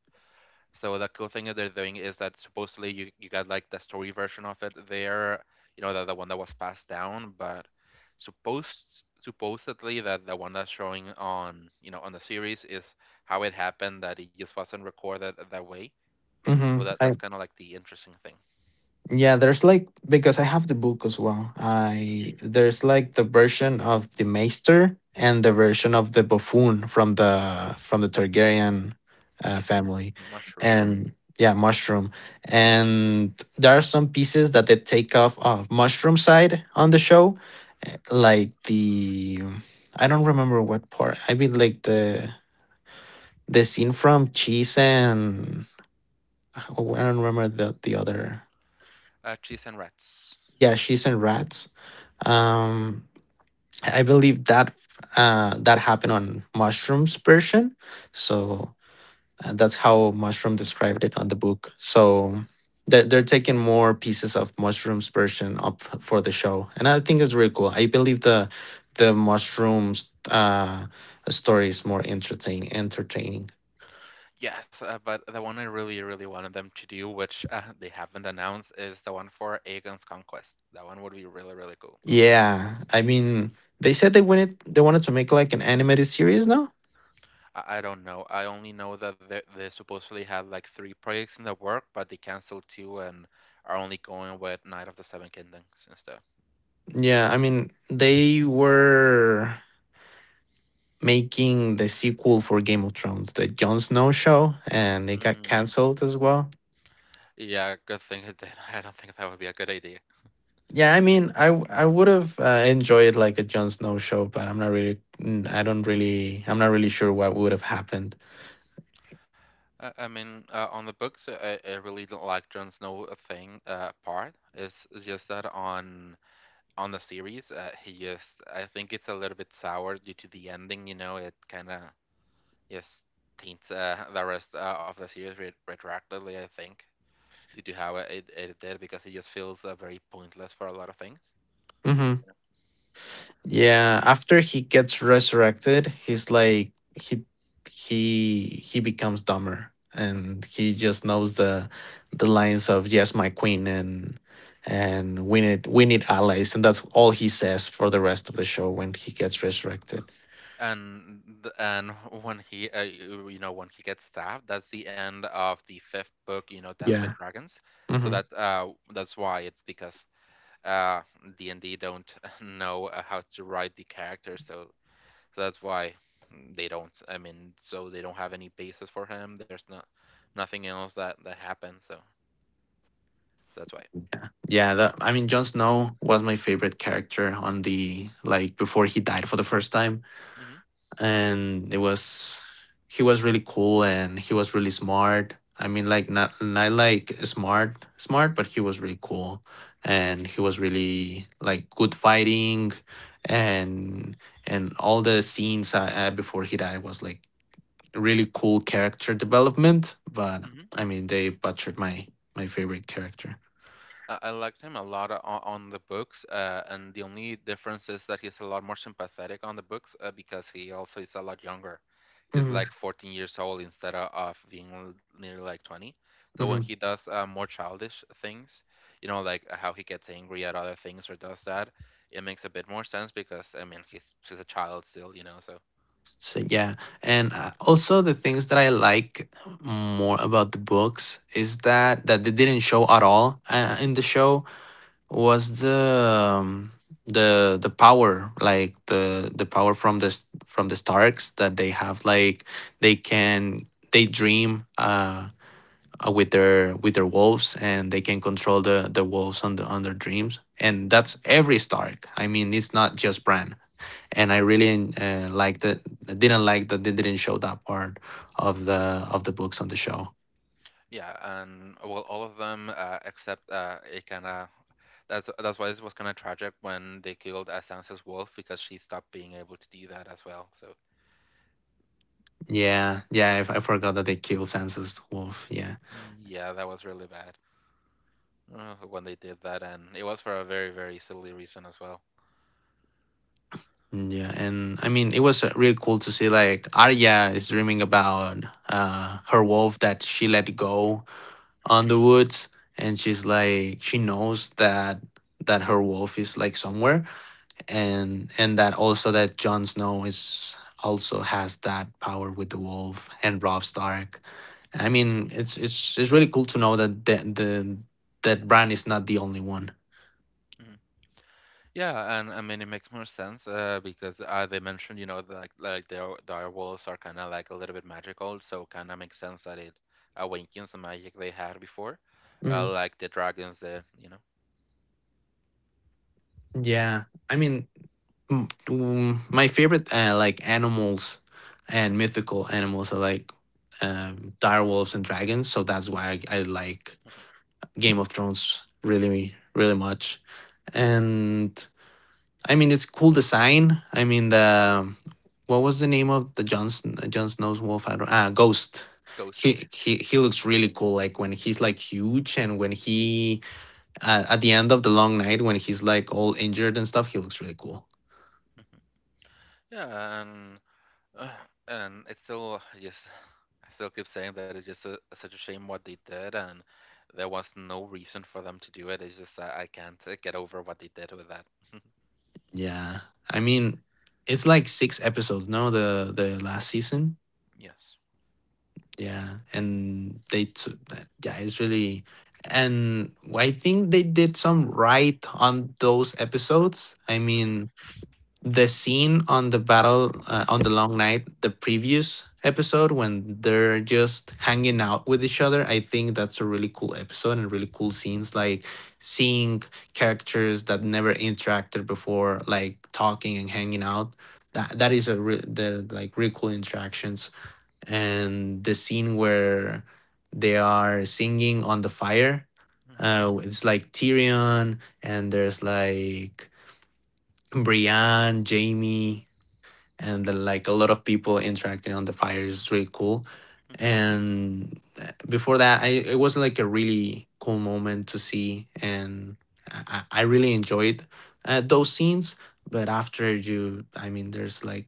[SPEAKER 1] So the cool thing that they're doing is that supposedly you got like the story version of it there, you know, the one that was passed down, but supposedly that the one that's showing on, you know, on the series is how it happened, that it just wasn't recorded that way. So
[SPEAKER 2] hmm
[SPEAKER 1] that's kind of like the interesting thing.
[SPEAKER 2] Yeah, there's like because I have the book as well.
[SPEAKER 1] Hmm
[SPEAKER 2] I There's like the version of the Maester and the version of the buffoon from the Targaryen
[SPEAKER 1] Yes,
[SPEAKER 2] family,
[SPEAKER 1] mushroom,
[SPEAKER 2] and yeah, mushroom. And there are some pieces that they take off of mushroom side on the show, eh, like the I don't remember what part. I mean, like the scene from Cheese and I don't remember the other.
[SPEAKER 1] cheese and rats.
[SPEAKER 2] Yeah, she's in Rats. Um, I believe that that happened on Mushroom's version. So that's how Mushroom described it on the book. So
[SPEAKER 1] Yeah.
[SPEAKER 2] they're taking more pieces of Mushroom's version for the show, and I think it's really cool. I believe the Mushroom's story is more entertaining. Entertaining.
[SPEAKER 1] Yes, but the one I really, really wanted them to do, which they haven't announced, is the one for Aegon's Conquest. That one would be really, really cool.
[SPEAKER 2] Yeah, I mean, they said they wanted to make like an animated series now.
[SPEAKER 1] I don't know. I only know that they supposedly had like three projects in the work, but they canceled two and are only going with Night of the Seven Kingdoms instead.
[SPEAKER 2] Yeah, I mean, they were making the sequel for Game of Thrones, the Jon Snow show, and it got
[SPEAKER 1] Mm.
[SPEAKER 2] canceled as well.
[SPEAKER 1] Yeah, good thing it did. I don't think that would be a good idea.
[SPEAKER 2] Yeah, I mean, I would have enjoyed like a Jon Snow show, but I'm not really, mm, I don't really, I'm not really sure what would have happened.
[SPEAKER 1] I mean, on the books, I really don't like Jon Snow thing part. It's just that on the series, he just, I think it's a little bit sour due to the ending. You know, it kind of just taints the rest of the series retroactively, I think. Did you have it edited? Because it just feels very pointless for a lot of things.
[SPEAKER 2] hmm Yeah, after he gets resurrected, he's like he becomes dumber, and he just knows the lines of "Yes, my queen," and we need allies, and that's all he says for the rest of the show when he gets resurrected.
[SPEAKER 1] And and when he, you know, when he gets stabbed, that's the end of the fifth book, you know, Dance with
[SPEAKER 2] Yeah.
[SPEAKER 1] Dragons. So
[SPEAKER 2] hmm
[SPEAKER 1] that's why it's, because uh D&D don't know how to write the character. So, so that's why they don't, I mean, so they don't have any basis for him. There's not nothing else that that happens, so, so that's why.
[SPEAKER 2] Yeah. Yeah. That I mean, Jon Snow was my favorite character on the like before he died for the first time.
[SPEAKER 1] Hmm
[SPEAKER 2] And it was he was really cool and he was really smart. I mean, like not not like smart smart, but he was really cool and he was really like good fighting and and all the scenes I before he died was like really cool character development. But I mean, they butchered my my favorite character.
[SPEAKER 1] I liked him a lot on the books, and the only difference is that he's a lot more sympathetic on the books because he also is a lot younger. He's
[SPEAKER 2] Mm-hmm.
[SPEAKER 1] like 14 years old instead of being nearly like 20. So when
[SPEAKER 2] Mm-hmm.
[SPEAKER 1] he does more childish things, you know, like how he gets angry at other things or does that, it makes a bit more sense, because I mean, he's a child still, you know. So
[SPEAKER 2] So yeah, and also the things that I like more about the books is that they didn't show at all in the show was the power like the power from this from the Starks that they have like they can they dream with their wolves and they can control the wolves on the on their dreams and that's every Stark. I mean, it's not just Bran and I really liked it. I didn't like that they didn't show that part of the books on the show.
[SPEAKER 1] yeah, and well, all of them except Ikana. That's why this was kind of tragic, when they killed Sansa's wolf, because she stopped being able to do that as well. So
[SPEAKER 2] Yeah, yeah, I forgot that they killed Sansa's wolf. Yeah.
[SPEAKER 1] yeah, that was really bad when they did that, and it was for a very, very silly reason as well.
[SPEAKER 2] Yeah, and I mean it was really cool to see like Arya is dreaming about her wolf that she let go
[SPEAKER 1] Hmm
[SPEAKER 2] on the woods, and she's like she knows that that her wolf is like somewhere and that also that Jon Snow is also has that power with the wolf and Robb Stark. I mean, it's it's really cool to know that the that Bran is not the only one.
[SPEAKER 1] hmm Yeah, and I mean, it makes more sense because they mentioned, you know, like their dire wolves are kind of like a little bit magical, so kind of makes sense that it awakens the magic they had before,
[SPEAKER 2] Mm,
[SPEAKER 1] like the dragons, the, you know.
[SPEAKER 2] yeah, I mean, my favorite like animals and mythical animals are like dire wolves and dragons. So that's why I like
[SPEAKER 1] Mhm.
[SPEAKER 2] Game of Thrones really, really much. And I mean, it's cool design. I mean, the what was the name of the Snow's wolf? I don't ah Ghost.
[SPEAKER 1] Ghosts.
[SPEAKER 2] He looks really cool like when he's like huge and when he at the end of the long night when he's like all injured and stuff he looks really cool.
[SPEAKER 1] Mhm. Yeah, and Uh, and it's still just, I still keep saying that it's just a, such a shame what they did, and there was no reason for them to do it. It's just that I can't get over what they did with that.
[SPEAKER 2] Yeah, I mean, it's like six episodes no the the last season.
[SPEAKER 1] Yes.
[SPEAKER 2] Yeah, and they took yeah, it's really and I think they did some right on those episodes. I
[SPEAKER 1] hmm
[SPEAKER 2] mean, the scene on the battle on the long night, the previous episode when they're just hanging out with each other, I think that's a really cool episode and really cool scenes like seeing characters that never interacted before like talking and hanging out. That that is a re- the Like really cool interactions and the scene where they are singing on the fire.
[SPEAKER 1] hmm
[SPEAKER 2] It's like Tyrion, and there's like Brienne, Jaime, and then like a lot of people interacting on the fire is really cool.
[SPEAKER 1] hmm
[SPEAKER 2] And before that, it was like a really cool moment to see, and I really enjoyed those scenes. But after you, I mean, there's like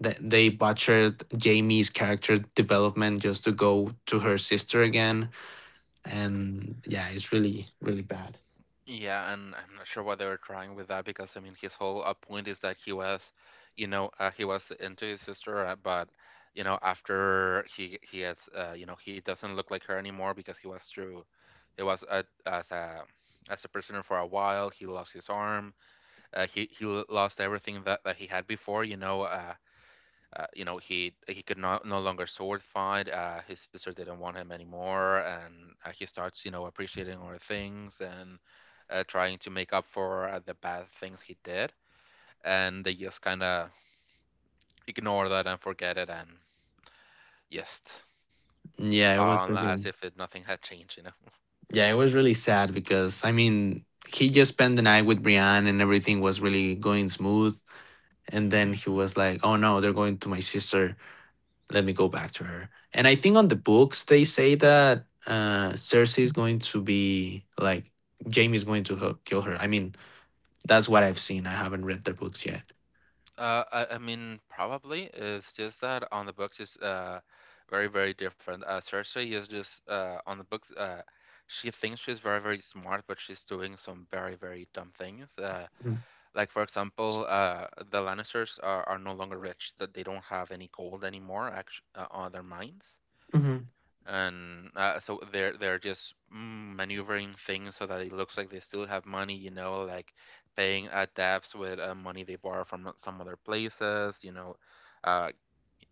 [SPEAKER 2] that they butchered Jamie's character development just to go to her sister again. And yeah, it's really, really bad.
[SPEAKER 1] Yeah, and I'm not sure what they were trying with that, because I mean, his whole point is that he was, you know, he was into his sister, but you know, after he has, you know, he doesn't look like her anymore, because he was through, he was as a as a prisoner for a while. He lost his arm. He lost everything that, that he had before. You know, you know, he could not no longer sword fight. His sister didn't want him anymore, and he starts, you know, appreciating other things and trying to make up for the bad things he did. And they just kind of ignore that and forget it and just
[SPEAKER 2] Yeah, it was
[SPEAKER 1] on as
[SPEAKER 2] really
[SPEAKER 1] if it, nothing had changed, you know.
[SPEAKER 2] yeah, it was really sad because I mean he just spent the night with Brienne and everything was really going smooth. And then he was like, oh no, they're going to my sister. Let me go back to her. And I think on the books they say that Cersei is going to be like Jamie's going to kill her. I mean, that's what I've seen. I haven't read the books yet.
[SPEAKER 1] I mean, probably. It's just that on the books is very, very different. Cersei is just on the books. She thinks she's very, very smart, but she's doing some very, very dumb things.
[SPEAKER 2] Mm.
[SPEAKER 1] Like for example, the Lannisters are no longer rich; that they don't have any gold anymore, actually, on their mines,
[SPEAKER 2] Mhm,
[SPEAKER 1] and so they're just mm, maneuvering things so that it looks like they still have money, you know, like paying debts with money they borrow from some other places, you know, uh,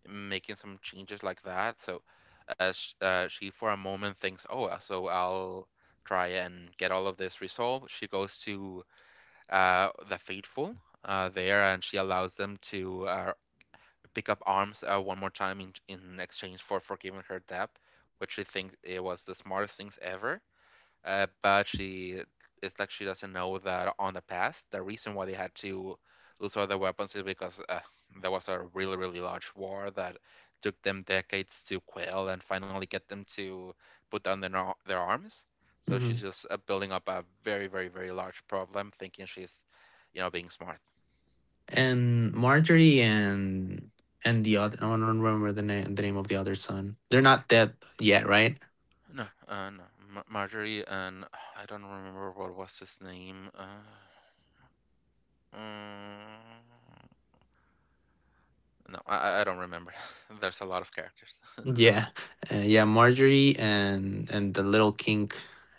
[SPEAKER 1] making some changes like that. So sh she for a moment thinks, oh, so I'll try and get all of this resolved. She goes to the faithful there, and she allows them to pick up arms one more time in exchange for forgiving her debt, which she thinks it was the smartest things ever. But she, it's like she doesn't know that on the past the reason why they had to lose all their weapons is because there was a really, really large war that took them decades to quell and finally get them to put down their arms. So
[SPEAKER 2] mhm.
[SPEAKER 1] she's just building up a very, very, very large problem, thinking she's, you know, being smart.
[SPEAKER 2] And Marjorie and the other I don't remember the name of the other son. They're not dead yet, right?
[SPEAKER 1] No, no. Ma Marjorie and, I don't remember what was his name. Mm, no, I don't remember. There's a lot of characters.
[SPEAKER 2] Yeah. Yeah, Marjorie and the little king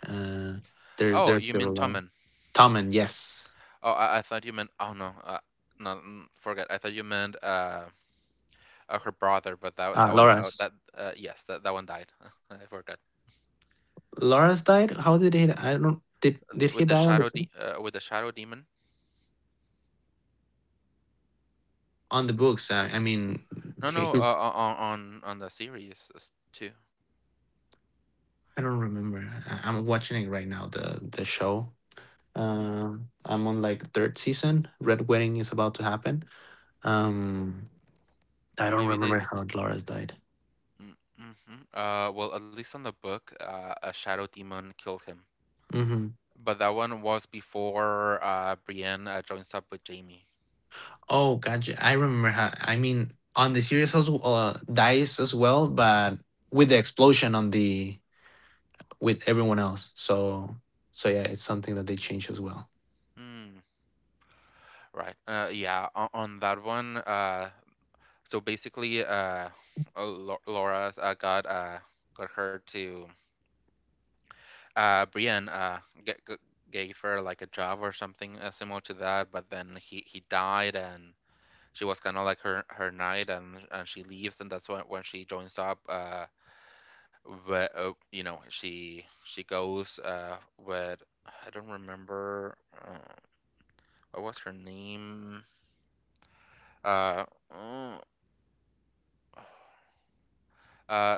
[SPEAKER 2] uh
[SPEAKER 1] Oh,
[SPEAKER 2] they're
[SPEAKER 1] you
[SPEAKER 2] still
[SPEAKER 1] mean
[SPEAKER 2] alive.
[SPEAKER 1] Tommen?
[SPEAKER 2] Tommen, yes.
[SPEAKER 1] Oh, I thought you meant. Oh no, no, mm, forget. I thought you meant her brother, but that
[SPEAKER 2] Ah,
[SPEAKER 1] that one,
[SPEAKER 2] Loras.
[SPEAKER 1] that yes, that that one died. I forgot.
[SPEAKER 2] Loras died? How did he I don't did he
[SPEAKER 1] With the
[SPEAKER 2] die on the
[SPEAKER 1] shadow de
[SPEAKER 2] film?
[SPEAKER 1] with the shadow demon.
[SPEAKER 2] On the books. I mean
[SPEAKER 1] No, no,
[SPEAKER 2] he's
[SPEAKER 1] on the series too.
[SPEAKER 2] I don't remember. I'm watching it right now the show.
[SPEAKER 1] Hmm
[SPEAKER 2] I'm on like third season. Red Wedding is about to happen. Um, I
[SPEAKER 1] Or
[SPEAKER 2] don't
[SPEAKER 1] maybe they.
[SPEAKER 2] remember how Dolores died.
[SPEAKER 1] Mm-hmm. Well, at least on the book, a shadow demon killed him.
[SPEAKER 2] hmm
[SPEAKER 1] But that one was before Brienne joins up with Jamie.
[SPEAKER 2] Oh, gotcha. I remember how. I mean, on the series also dies as well, but with the
[SPEAKER 1] Mm-hmm.
[SPEAKER 2] explosion on the with everyone else. So, so yeah, it's something that they change as well.
[SPEAKER 1] Mm. Right. Yeah, on that one, so basically, Laura got her to Brienne, g g gave her like a job or something similar to that. But then he died, and she was kind of like her her knight, and she leaves, and that's when she joins up. But you know, she goes with, I don't remember uh, what was her name, uh uh, uh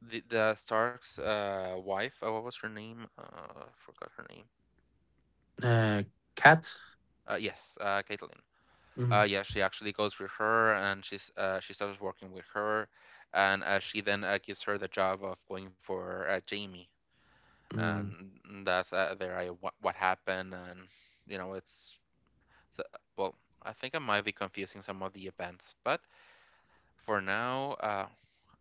[SPEAKER 1] the Stark's wife, what was her name, forgot her name.
[SPEAKER 2] Uh, cat.
[SPEAKER 1] Yes, Caitlin. Uh
[SPEAKER 2] Mhm.
[SPEAKER 1] yeah, she actually goes with her, and she's, she starts working with her, and she then gives her the job of going for Jamie,
[SPEAKER 2] mm
[SPEAKER 1] and that's, there, I what happened and you know, it's, so, well, I think I might be confusing some of the events, but for now,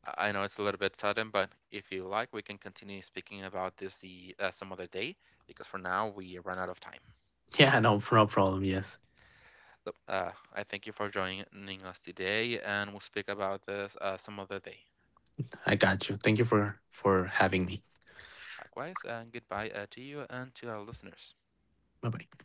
[SPEAKER 1] I know it's a little bit sudden, but if you like, we can continue speaking about this the some other day, because for now we run out of time.
[SPEAKER 2] Yeah, no, no problem. Yes,
[SPEAKER 1] So, I thank you for joining us today, and we'll speak about this some other day.
[SPEAKER 2] I got you. Thank you for having me.
[SPEAKER 1] Likewise, and goodbye to you and to our listeners.
[SPEAKER 2] Bye bye.